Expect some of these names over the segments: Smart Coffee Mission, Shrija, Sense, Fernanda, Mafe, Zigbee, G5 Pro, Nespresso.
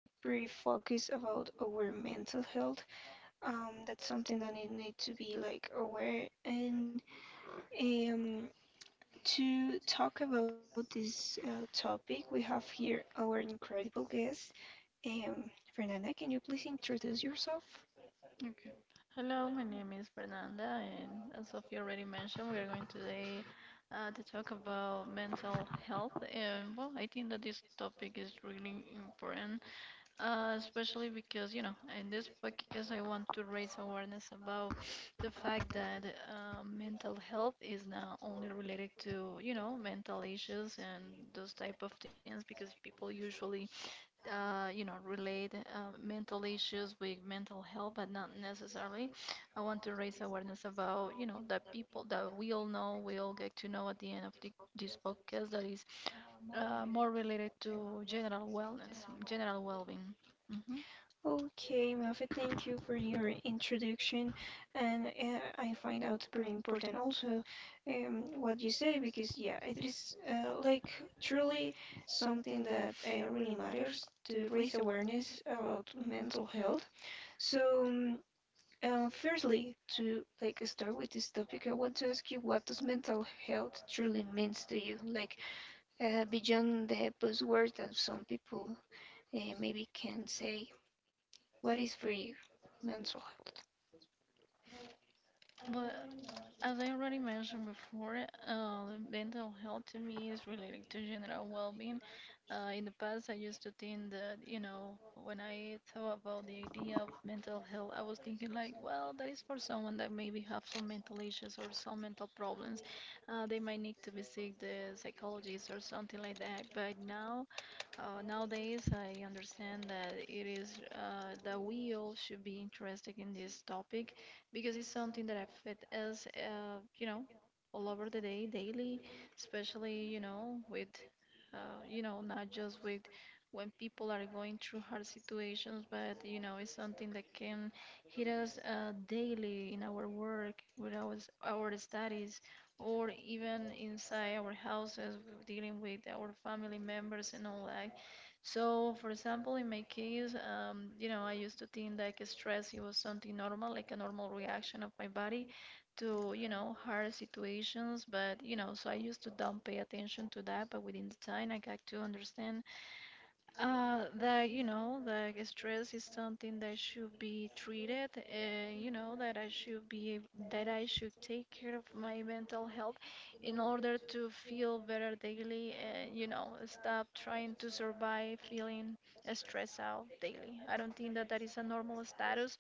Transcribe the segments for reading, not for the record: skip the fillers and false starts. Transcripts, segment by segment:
be pretty focused about our mental health. That's something that we need to be like aware and um to talk about this topic, we have here our incredible guest. Um, Fernanda, can you please introduce yourself? Okay. Hello, my name is Fernanda, and as Sophie already mentioned, we are going today to talk about mental health. And well, I think that this topic is really important, especially because, you know, in this podcast, I want to raise awareness about the fact that mental health is not only related to, you know, mental issues and those type of things, because people usually you know, relate mental issues with mental health, but not necessarily. I want to raise awareness about, you know, the people that we all know, we all get to know at the end of this podcast that is more related to general wellness, general well-being. Hmm. Okay, Mafe, thank you for your introduction. And I find out very important also, what you say because, yeah, it is like truly something that really matters to raise awareness about mental health. So, um, Firstly, to like start with this topic, I want to ask you, what does mental health truly means to you? Like beyond the buzzword that some people maybe can say, what is for you mental health? But as I already mentioned before, mental health to me is related to general well-being. In the past, I used to think that, you know, when I thought about the idea of mental health, I was thinking like, well, that is for someone that maybe have some mental issues or some mental problems. They might need to visit the psychologist or something like that. But now, nowadays, I understand that it is that we all should be interested in this topic because it's something that affects us, you know, all over the day, daily, especially, you know, not just with when people are going through hard situations, but you know, it's something that can hit us daily in our work, with our studies, or even inside our houses, dealing with our family members and all that. So, for example, in my case, you know, I used to think like stress it was something normal, like a normal reaction of my body to you know hard situations, but you know, so I used to don't pay attention to that. But within the time, I got to understand that you know, that stress is something that should be treated. You know that I should be that I should take care of my mental health in order to feel better daily. And you know, stop trying to survive feeling stressed out daily. I don't think that that is a normal status,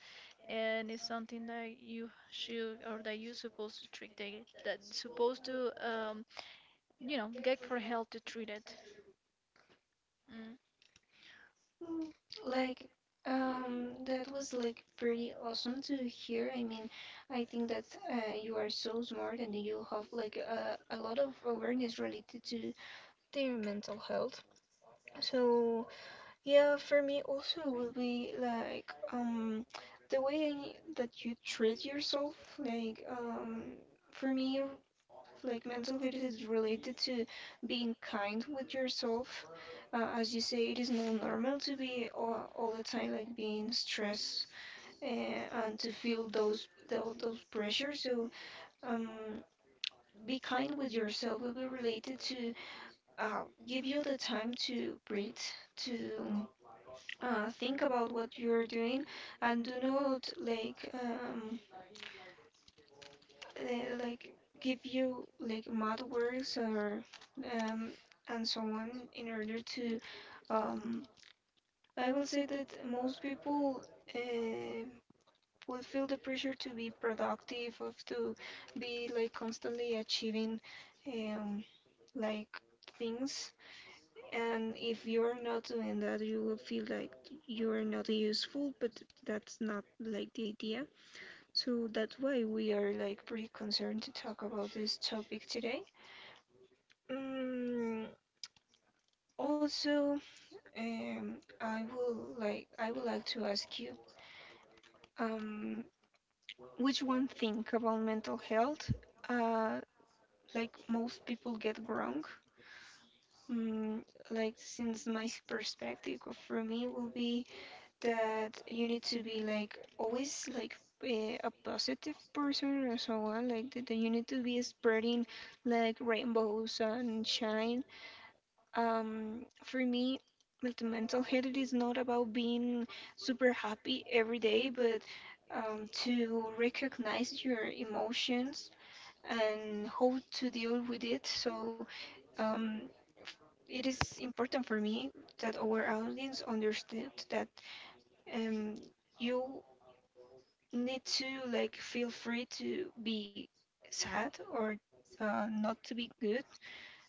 and it's something that you should or that you supposed to treat daily. That supposed to you know, get for help to treat it. Mm. Mm, Like, that was like pretty awesome to hear. I mean, I think that you are so smart and you have like a lot of awareness related to their mental health. So yeah, for me also will be like the way that you treat yourself. Like um for me, like mental health is related to being kind with yourself. As you say, it is not normal to be all the time like being stressed and to feel those pressures. So um, be kind with yourself will be related to uh, give you the time to breathe, to think about what you're doing, and do not like give you like mad words or um, and so on in order to, um, I will say that most people um will feel the pressure to be productive of to be like constantly achieving, um, like things, and if you are not doing that, you will feel like you are not useful, but that's not like the idea. So that's why we are like pretty concerned to talk about this topic today. Mm, also, I would like to ask you, um, which one thing about mental health uh, like most people get wrong. Mm, like since my perspective, or for me, will be that you need to be like always like, a positive person or so on, like that that you need to be spreading like rainbows and shine. um for me, the mental health, it is not about being super happy every day, but to recognize your emotions and how to deal with it. So um it is important for me that our audience understood that, um, you need to like feel free to be sad or not to be good.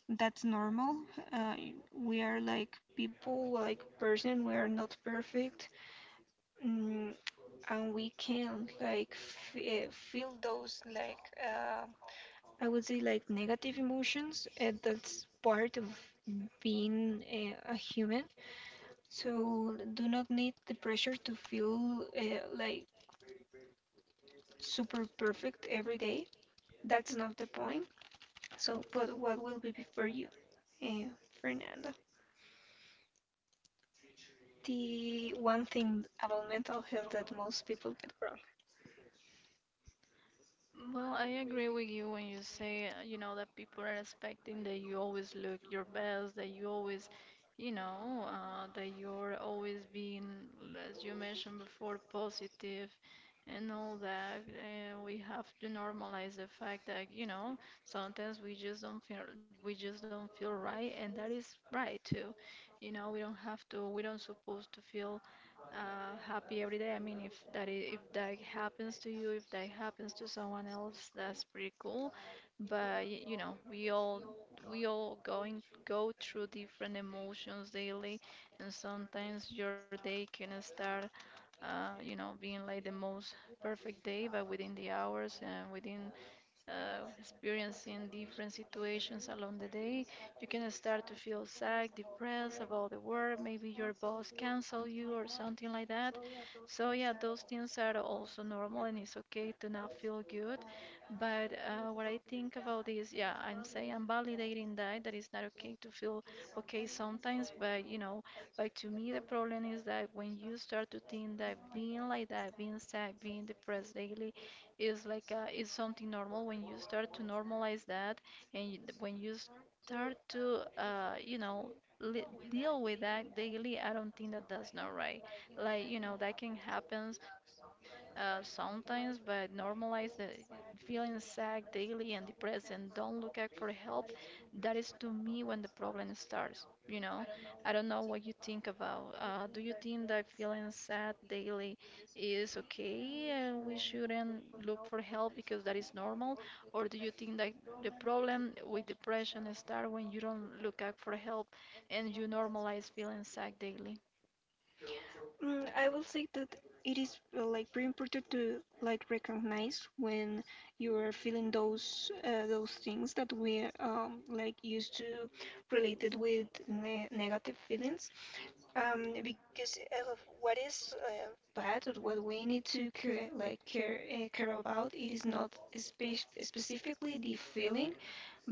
That's normal. Uh, we are like people, like person. We are not perfect, mm, and we can like feel those, I would say, like negative emotions. That's part of being a human. So do not need the pressure to feel like super perfect every day. That's not the point. So, but what will be for you, uh, Fernando? The one thing about mental health that most people get wrong. Well, I agree with you when you say, you know, that people are expecting that you always look your best, that you're always being, as you mentioned before, positive and all that. And we have to normalize the fact that, you know, sometimes we just don't feel, we just don't feel right, and that is right too. You know, we don't supposed to feel happy every day. I mean, if that happens to you, if that happens to someone else, that's pretty cool. But you know, we all going go through different emotions daily, and sometimes your day can start you know, being like the most perfect day, but within the hours and within experiencing different situations along the day, you can start to feel sad, depressed about the work. Maybe your boss cancel you or something like that. So yeah, those things are also normal, and it's okay to not feel good. But what I think about is, yeah, I'm validating that it's not okay to feel okay sometimes, but you know, but to me, the problem is that when you start to think that being like that, being sad, being depressed daily, is something normal. When you start to normalize that, when you start to, you know, li deal with that daily, I don't think that that's not right. Like, you know, that can happen sometimes, but normalize the feeling sad daily and depressed, and don't look out for help. That is to me when the problem starts. You know, I don't know what you think about. Do you think that feeling sad daily is okay and we shouldn't look for help because that is normal? Or do you think that the problem with depression starts when you don't look out for help and you normalize feeling sad daily? Mm, I will say that it is like pretty important to like recognize when you are feeling those things that we like used to related with ne negative feelings. Because what is bad, or what we need to care, care about, it is not spe specifically the feeling,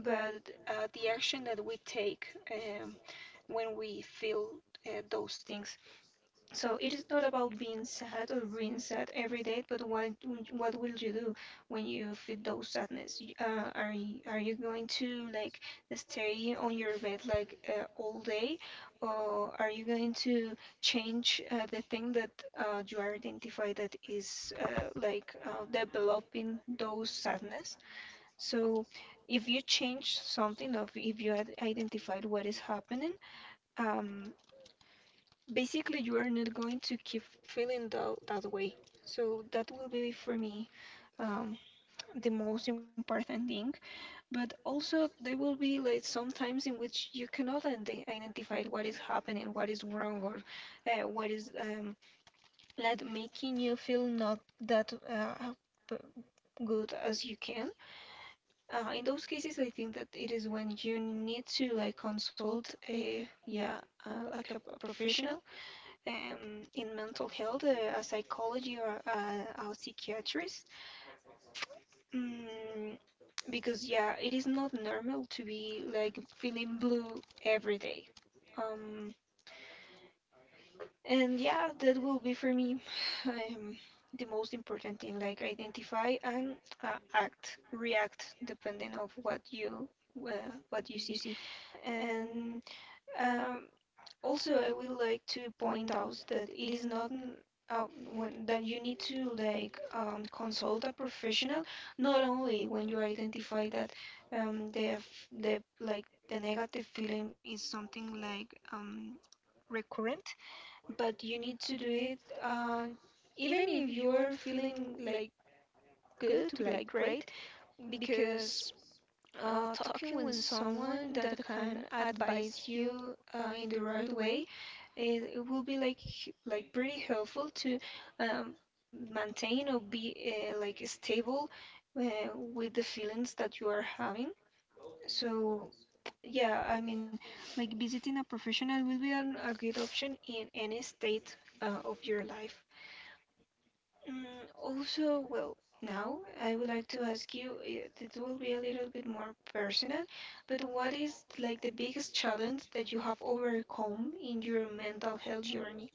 but the action that we take when we feel those things. So it is not about being sad or being sad every day, but what will you do when you feel those sadness? Are you going to like stay on your bed like all day, or are you going to change the thing that you are identified that is developing those sadness? So if you change something of, if you had identified what is happening, um basically you are not going to keep feeling that way. So that will be for me um the most important thing. But also there will be like sometimes in which you cannot identify what is happening, what is wrong, or what is like making you feel not that p- good as you can. In those cases, I think that it is when you need to like consult a, yeah, like a professional in mental health, a psychology or a psychiatrist, mm, because yeah, it is not normal to be like feeling blue every day. Um, and yeah, that will be for me, um, the most important thing, like identify and react depending of what you, what you see. And Um, also, I would like to point out that it is not uh, that you need to like consult a professional, not only when you identify that, um, the negative feeling is something like recurrent, but you need to do it uh, even if you are feeling like good, like great, because talking with someone that can advise you in the right way, it will be like like pretty helpful to um, maintain or be like stable with the feelings that you are having. So yeah, I mean, like visiting a professional will be an, a good option in any state of your life. Mm, also, well, now I would like to ask you, it will be a little bit more personal, but what is like the biggest challenge that you have overcome in your mental health journey?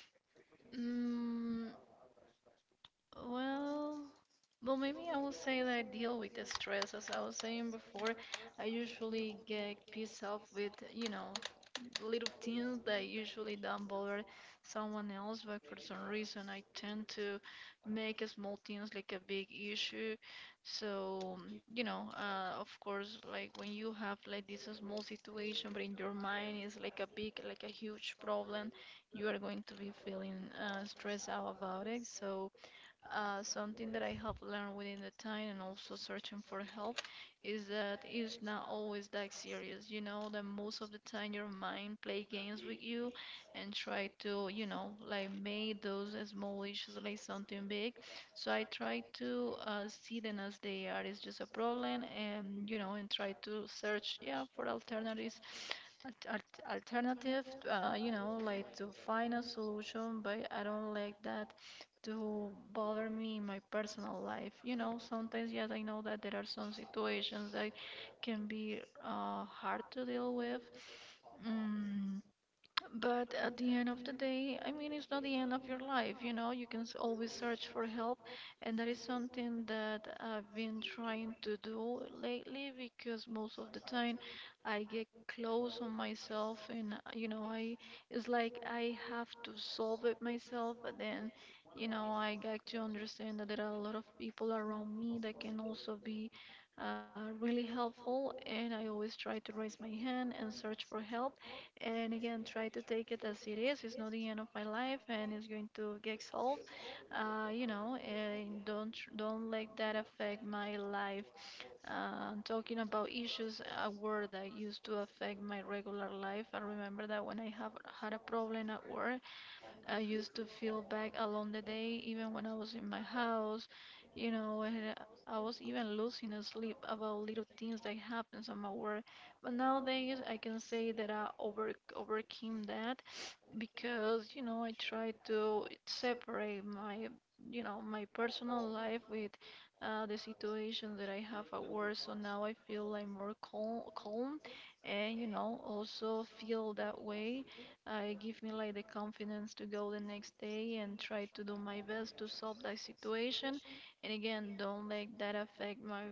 Mm, well. Well, maybe I will say that I deal with the stress. As I was saying before, I usually get pissed off with, you know, little things that usually don't bother someone else, but for some reason I tend to make small things like a big issue. So, you know, of course, like when you have like this small situation, but in your mind it's like a big, like a huge problem, you are going to be feeling stressed out about it. So, something that I have learned within the time and also searching for help is that it's not always that serious. You know that most of the time your mind play games with you and try to, you know, like make those small issues like something big. So I try to see them as they are. It's just a problem, and you know, and try to search, yeah, for alternatives. Alternative, you know, like to find a solution, but I don't like that to bother me in my personal life. You know, sometimes, yes, I know that there are some situations that can be hard to deal with. Mm, but at the end of the day, I mean, it's not the end of your life, you know, you can always search for help. And that is something that I've been trying to do lately because most of the time I get close on myself and, you know, it's like I have to solve it myself. But then, you know, I got to understand that there are a lot of people around me that can also be really helpful, and I always try to raise my hand and search for help, and again try to take it as it is. It's not the end of my life and it's going to get solved. You know, and don't let that affect my life. Talking about issues, a word that used to affect my regular life. I remember that when I have had a problem at work, I used to feel back along the day, even when I was in my house. You know, and I was even losing sleep about little things that happens on my work. But nowadays, I can say that I overcame that, because you know I try to separate my my personal life with the situation that I have at work. So now I feel like more calm, and you know also feel that way. It give me like the confidence to go the next day and try to do my best to solve that situation. And again, don't let that affect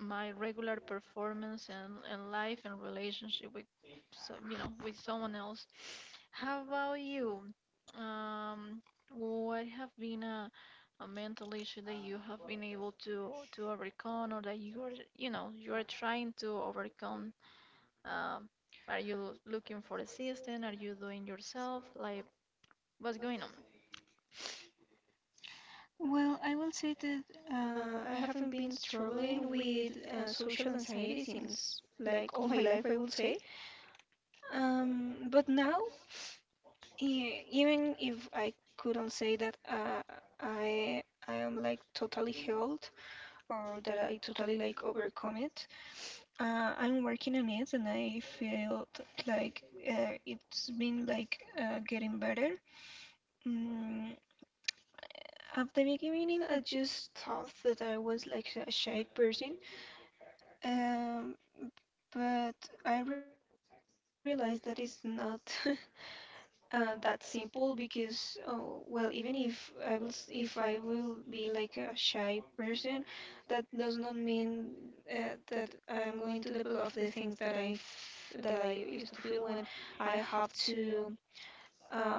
my regular performance, and life and relationship with, so you know, with someone else. How about you? Um, what have been a mental issue that you have been able to overcome, or that you are, you know, you are trying to overcome? Um, are you looking for assistance? Are you doing yourself? Like, what's going on? Well, I will say that I haven't been struggling with social anxiety since like all my life, I will say. But now, even if I couldn't say that uh, I am like totally healed or that I totally like overcome it, I'm working on it and I feel like it's been like getting better. Mm, at the beginning, I just thought that I was like a shy person, um, but I realized that it's not. That simple, because oh, well, even if I will be like a shy person, that does not mean that I am going to develop the things that that I used to feel when I have um,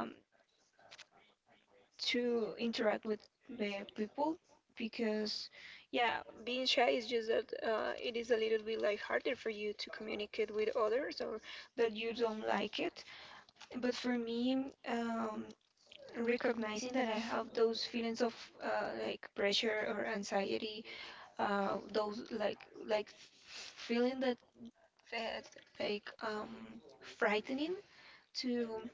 to interact with the people, because yeah, being shy is just that, it is a little bit like harder for you to communicate with others or that you don't like it. But for me, recognizing that I have those feelings of like pressure or anxiety, those like feeling that uh, like um, frightening to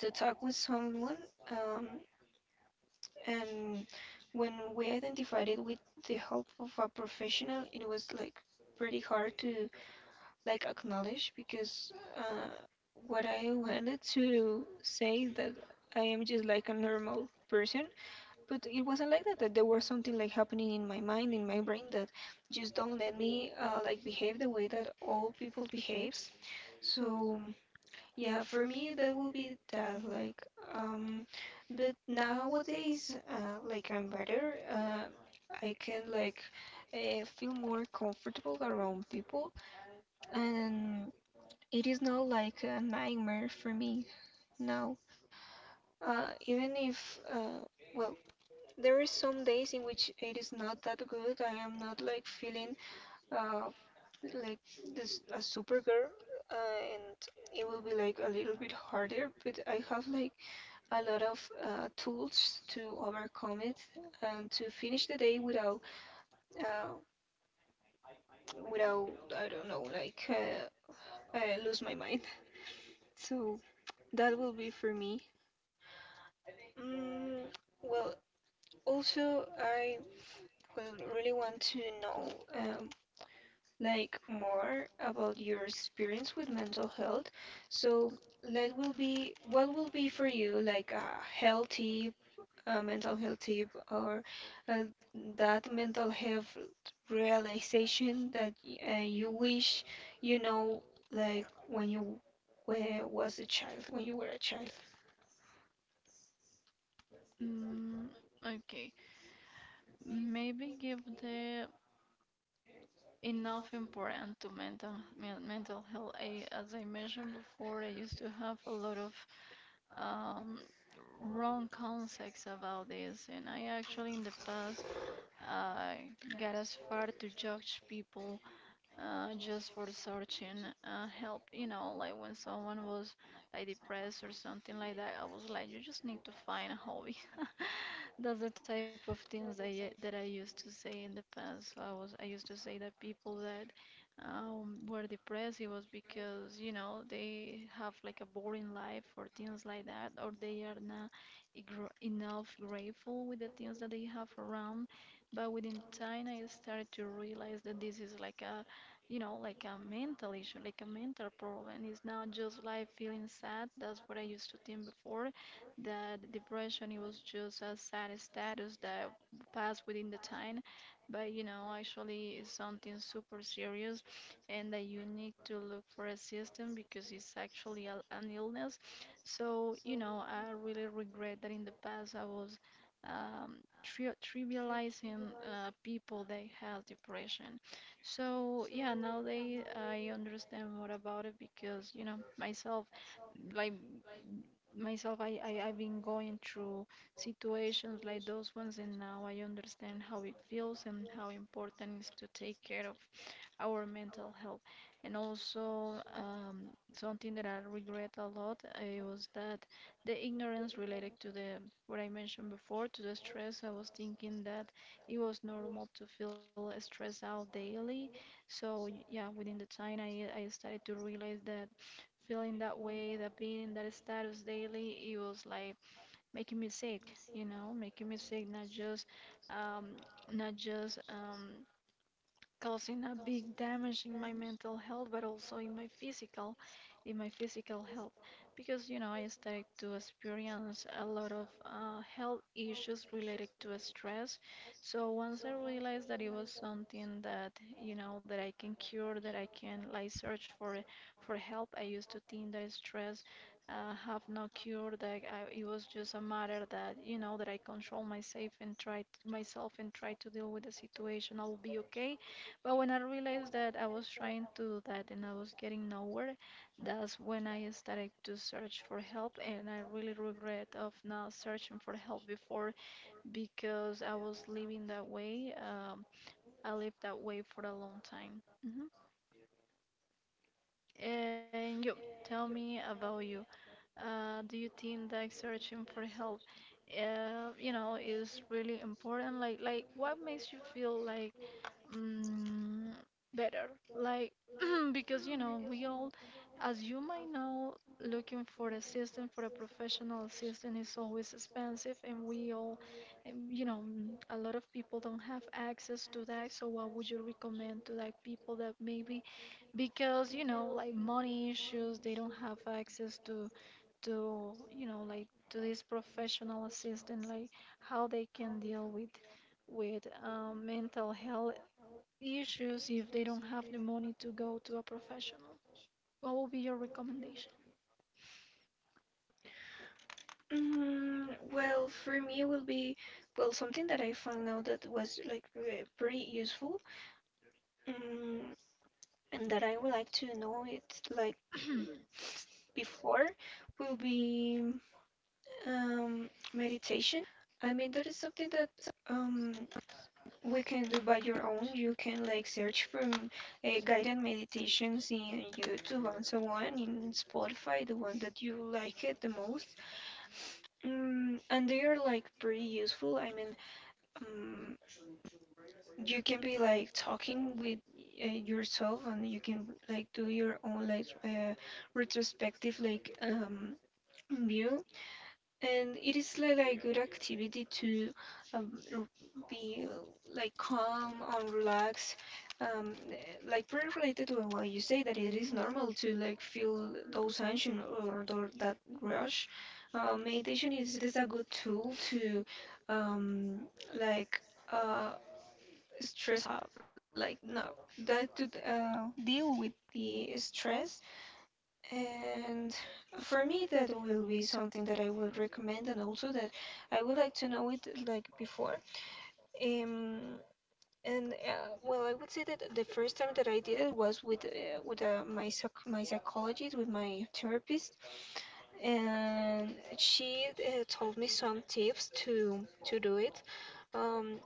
to talk with someone, um, and when we identified it with the help of a professional, it was like pretty hard to like acknowledge, because uh, what I wanted to say is that I am just like a normal person, but it wasn't like that. That there was something like happening in my mind, in my brain, that just don't let me like behave the way that all people behaves. So yeah, for me that will be that like um but nowadays like I'm better. I can like feel more comfortable around people, and it is not like a nightmare for me now. Even if well there is some days in which it is not that good. I am not like feeling uh like this a supergirl, and it will be like a little bit harder, but I have like a lot of tools to overcome it and to finish the day without uh, without I don't know like lose my mind. So that will be for me. Mm, well, also, I will really want to know, like more about your experience with mental health. So, that will be what will be for you like a health tip, a mental health tip, or uh, that mental health realization that you wish, you know, like when you was a child, when you were a child. Mm, okay. Maybe give the enough important to mental mental health. I, as I mentioned before, I used to have a lot of um, wrong concepts about this, and I actually in the past uh, got as far to judge people just for searching help. You know, like when someone was like depressed or something like that, I was like, you just need to find a hobby. That's the type of things that I used to say in the past. So I used to say that people that were depressed it was because you know they have like a boring life or things like that, or they are not gr enough grateful with the things that they have around. But within time, I started to realize that this is like a, you know, like a mental issue, like a mental problem. It's not just like feeling sad. That's what I used to think before, that depression it was just a sad status that passed within the time. But you know actually it's something super serious, and that you need to look for assistance because it's actually an illness. So you know I really regret that in the past I was um, trivializing people that have depression. So yeah, nowadays I understand more about it because you know myself, like myself, I I've been going through situations like those ones, and now I understand how it feels and how important it is to take care of our mental health. And also, something that I regret a lot, it was that the ignorance related to the, what I mentioned before, to the stress. I was thinking that it was normal to feel stressed out daily. So yeah, within the time I started to realize that feeling that way, that being in that status daily, it was like making me sick. You know, making me sick, not just um not just um causing a big damage in my mental health, but also in my physical health. Because you know I started to experience a lot of health issues related to stress. So once I realized that it was something that, you know, that I can cure, that I can like search for, help. I used to think that stress have no cure, that it was just a matter that, you know, that I control myself and try t myself and try to deal with the situation, I'll be okay. But when I realized that I was trying to do that and I was getting nowhere, that's when I started to search for help, and I really regret of not searching for help before, because I was living that way. I lived that way for a long time. Hmm. And you, tell me about you. Do you think that searching for help, you know, is really important? Like what makes you feel like, mm, better? Like, because you know, we all, as you might know, looking for assistance for a professional assistant is always expensive, and we all, a lot of people don't have access to that. So, what would you recommend to like people that maybe, because you know, like money issues, they don't have access to, to this professional assistant, like how they can deal with, with mental health issues if they don't have the money to go to a professional. What will be your recommendation? Mm, well, for me, will be, well, something that I found out that was like pretty useful. Mm, and that I would like to know it like before, will be um, meditation. I mean, that is something that um, we can do by your own. You can like search for guided meditations in YouTube and so on, in Spotify, the one that you like it the most. Mm, and they are like pretty useful. I mean, um, you can be like talking with yourself and you can like do your own retrospective view, and it is like good activity to um, r- be like calm and relaxed, like very related to what you say that it is normal to like feel those tension or that rush. Uh, meditation is, it is a good tool to um, like uh, stress up, like no, that to deal with the stress. And for me, that will be something that I will recommend, and also that I would like to know it like before. Um, and well, I would say that the first time that I did it was with my psych my psychologist, with my therapist, and she told me some tips to do it. Um,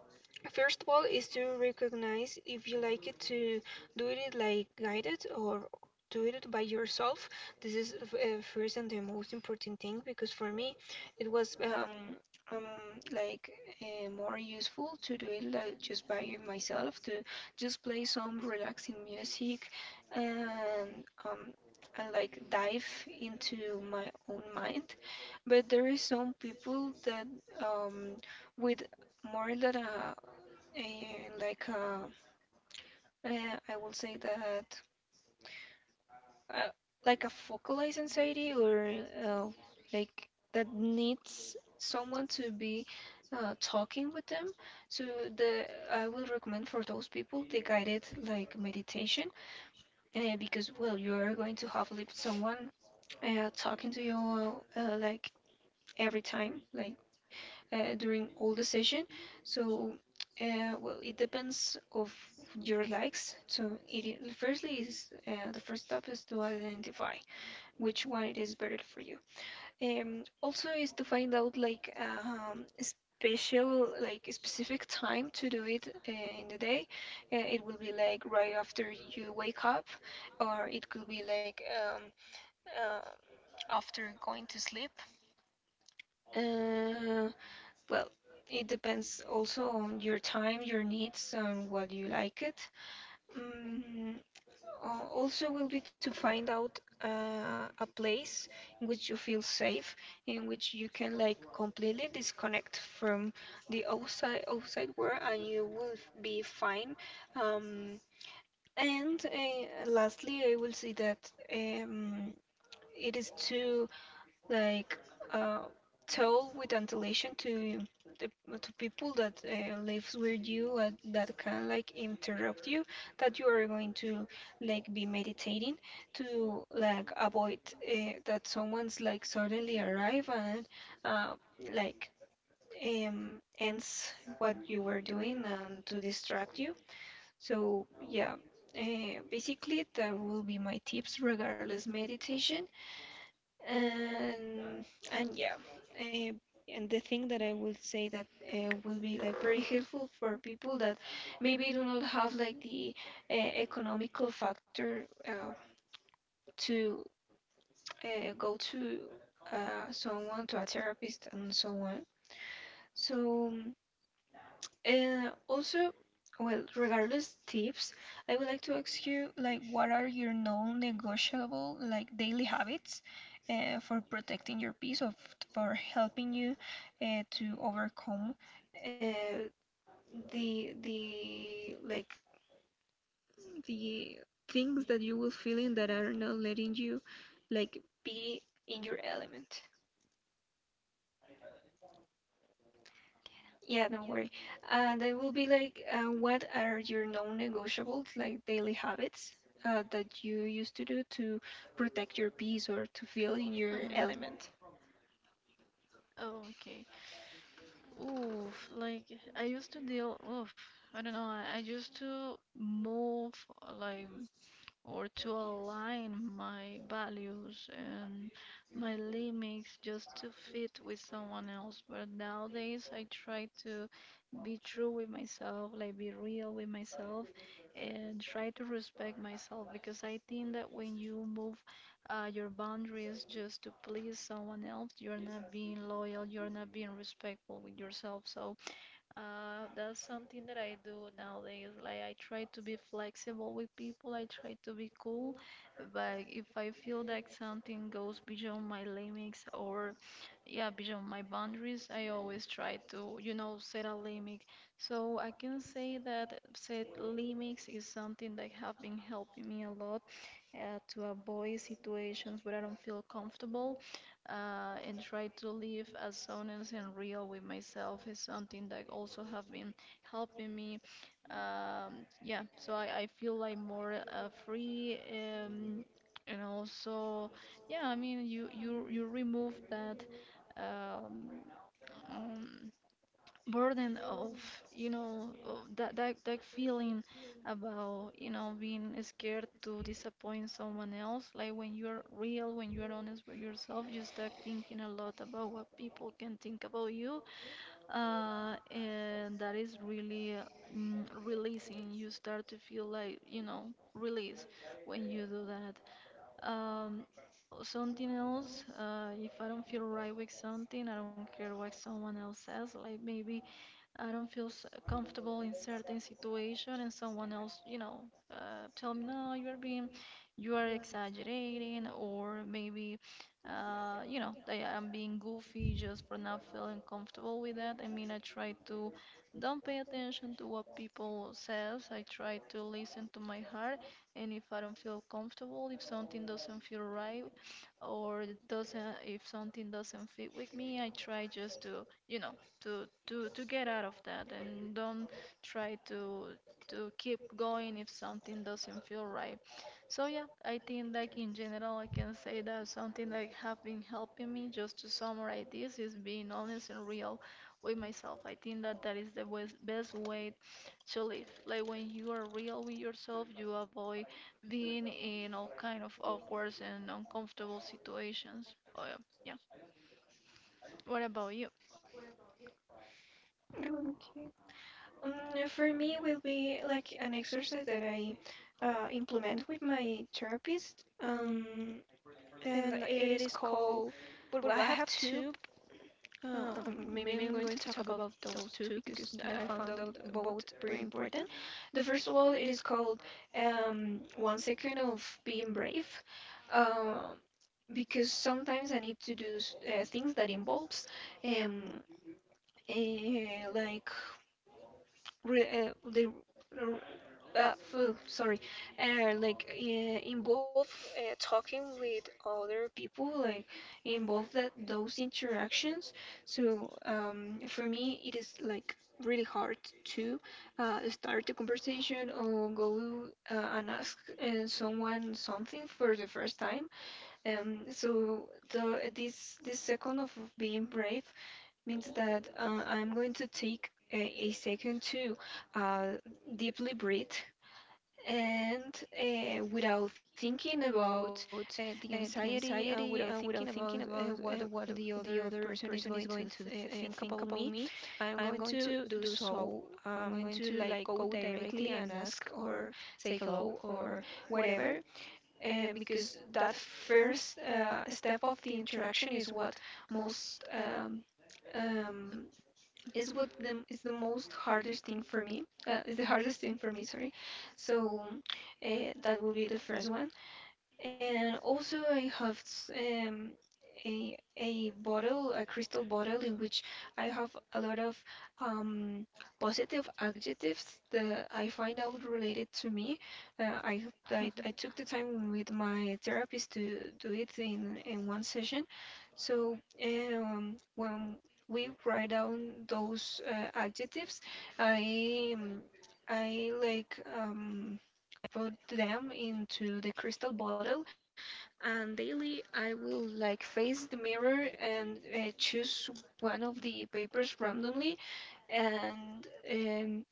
First of all, is to recognize if you like it to do it like guided or do it by yourself. This is first and the most important thing because for me, it was um, like more useful to do it like just by myself, to just play some relaxing music, and I like dive into my own mind. But there is some people that um, with more than a, I will say that uh, like a focalized anxiety, or uh, like that needs someone to be talking with them. So the I will recommend for those people the guided like meditation, because well, you are going to have lived someone talking to you uh, like every time, during all the session. So well, it depends of your likes, so it I- firstly is the first step is to identify which one it is better for you. Um also is to find out like special like specific time to do it in the day. It will be like right after you wake up, or it could be like uh, after going to sleep. Uh, well, it depends also on your time, your needs, and what you like it. Mm, Also will be to find out a place in which you feel safe, in which you can like completely disconnect from the outside outside world and you will be fine. Um, and Lastly, I will say that um, it is too like uh, told with ventilation to the, to people that lives with you, that can like interrupt you, that you are going to like be meditating, to like avoid that someone's like suddenly arrive and uh, like ends what you were doing and to distract you. So yeah, basically that will be my tips regardless meditation. and and yeah, uh, and the thing that I will say that will be like very helpful for people that maybe do not have like the economical factor to go to someone, to a therapist and so on. So uh, also, well, regardless tips, I would like to ask you, like, what are your non-negotiable, like, daily habits for protecting your peace, or for helping you to overcome uh, the like the things that you will feel in that are not letting you like be in your element. Yeah, don't worry. They will be like, what are your non-negotiables, like daily habits that you used to do to protect your peace or to feel in your um, element? oh, okay. Oof, like, i used to deal oof I don't know, I used to move, like, or to align my values and my limits just to fit with someone else. But nowadays, I try to be true with myself, like be real with myself, and try to respect myself, because I think that when you move your boundaries just to please someone else, you're not being loyal, you're not being respectful with yourself. So, that's something that I do nowadays. Like I try to be flexible with people. I try to be cool, but if I feel that something goes beyond my limits or, yeah, beyond my boundaries, I always try to, you know, set a limit. So I can say that set limits is something that have been helping me a lot, to avoid situations where I don't feel comfortable, and try to live as honest and real with myself is something that also have been helping me. Yeah, so I feel like more free, and also, yeah, I mean you you remove that um, um, burden of, you know, of that that feeling, about you know being scared to disappoint someone else. Like when you're real, when you're honest with yourself, you start thinking a lot about what people can think about you, and that is really releasing. You start to feel like, you know, release when you do that. um Something else. If I don't feel right with something, I don't care what someone else says. Like maybe I don't feel comfortable in certain situation, and someone else, you know, tell me, no, you are being, you are exaggerating, or maybe, you know, I am being goofy just for not feeling comfortable with that. I mean, I try to don't pay attention to what people says. I try to listen to my heart, and if I don't feel comfortable, if something doesn't feel right, or it doesn't, if something doesn't fit with me, I try just to, you know, to get out of that and don't try to keep going if something doesn't feel right. So yeah, I think like in general I can say that something that have been helping me, just to summarize this, is being honest and real with myself. I think that that is the best way to live. Like when you are real with yourself, you avoid being in all kind of awkward and uncomfortable situations. Oh yeah. Yeah. What about you? Okay. For me, will be like an exercise that I implement with my therapist. And it is called, well, I have two. Maybe I'm going to talk about those two because I found out both very important. The first of all, it is called One Second of Being Brave, um, because sometimes I need to do things that involves um, uh, like re- uh, the sorry, involve talking with other people, like involve that those interactions. So for me, it is like really hard to start a conversation, or go and ask someone something for the first time. So the this this second of being brave means that I'm going to take a second to uh, deeply breathe, and without thinking about the anxiety, without thinking about what the other person is going to think about me, I'm going to do so, I'm going to like go directly and ask, or say hello, or whatever, because that first step of the interaction is what most um, is what the is the most hardest thing for me. Is the hardest thing for me. Sorry. So that will be the first one. And also, I have a bottle, a crystal bottle, in which I have a lot of um, positive adjectives that I find out related to me. I hope that I Bye took the time with my therapist to do it in one session. So when we write down those adjectives, I um, I like. Put them into the crystal bottle, and daily I will like face the mirror and choose one of the papers randomly, and um,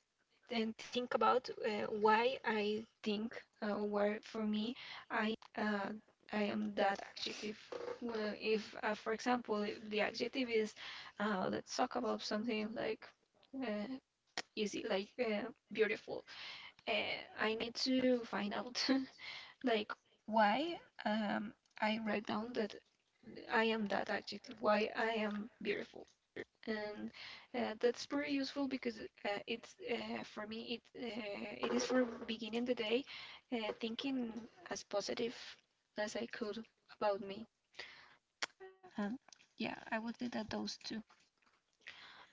and think about why I think where for me I uh, I am that adjective. Well, if for example, if the adjective is let's talk about something like uh, easy, like beautiful. I need to find out like why um, I write down that I am that adjective, why I am beautiful, and that's pretty useful, because it's for me it is for beginning the day thinking as positive as I could about me. And yeah, I would say that those two.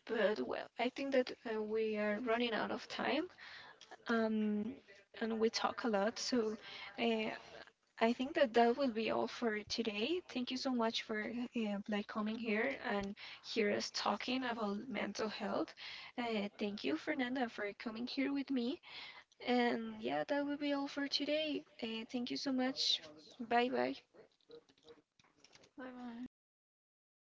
But well, I think that we are running out of time, um, and we talk a lot, so. Uh, I think that that will be all for today. Thank you so much for like coming here and hear us talking about mental health. Thank you, Fernanda, for coming here with me. And yeah, that will be all for today. Thank you so much. Bye bye. bye.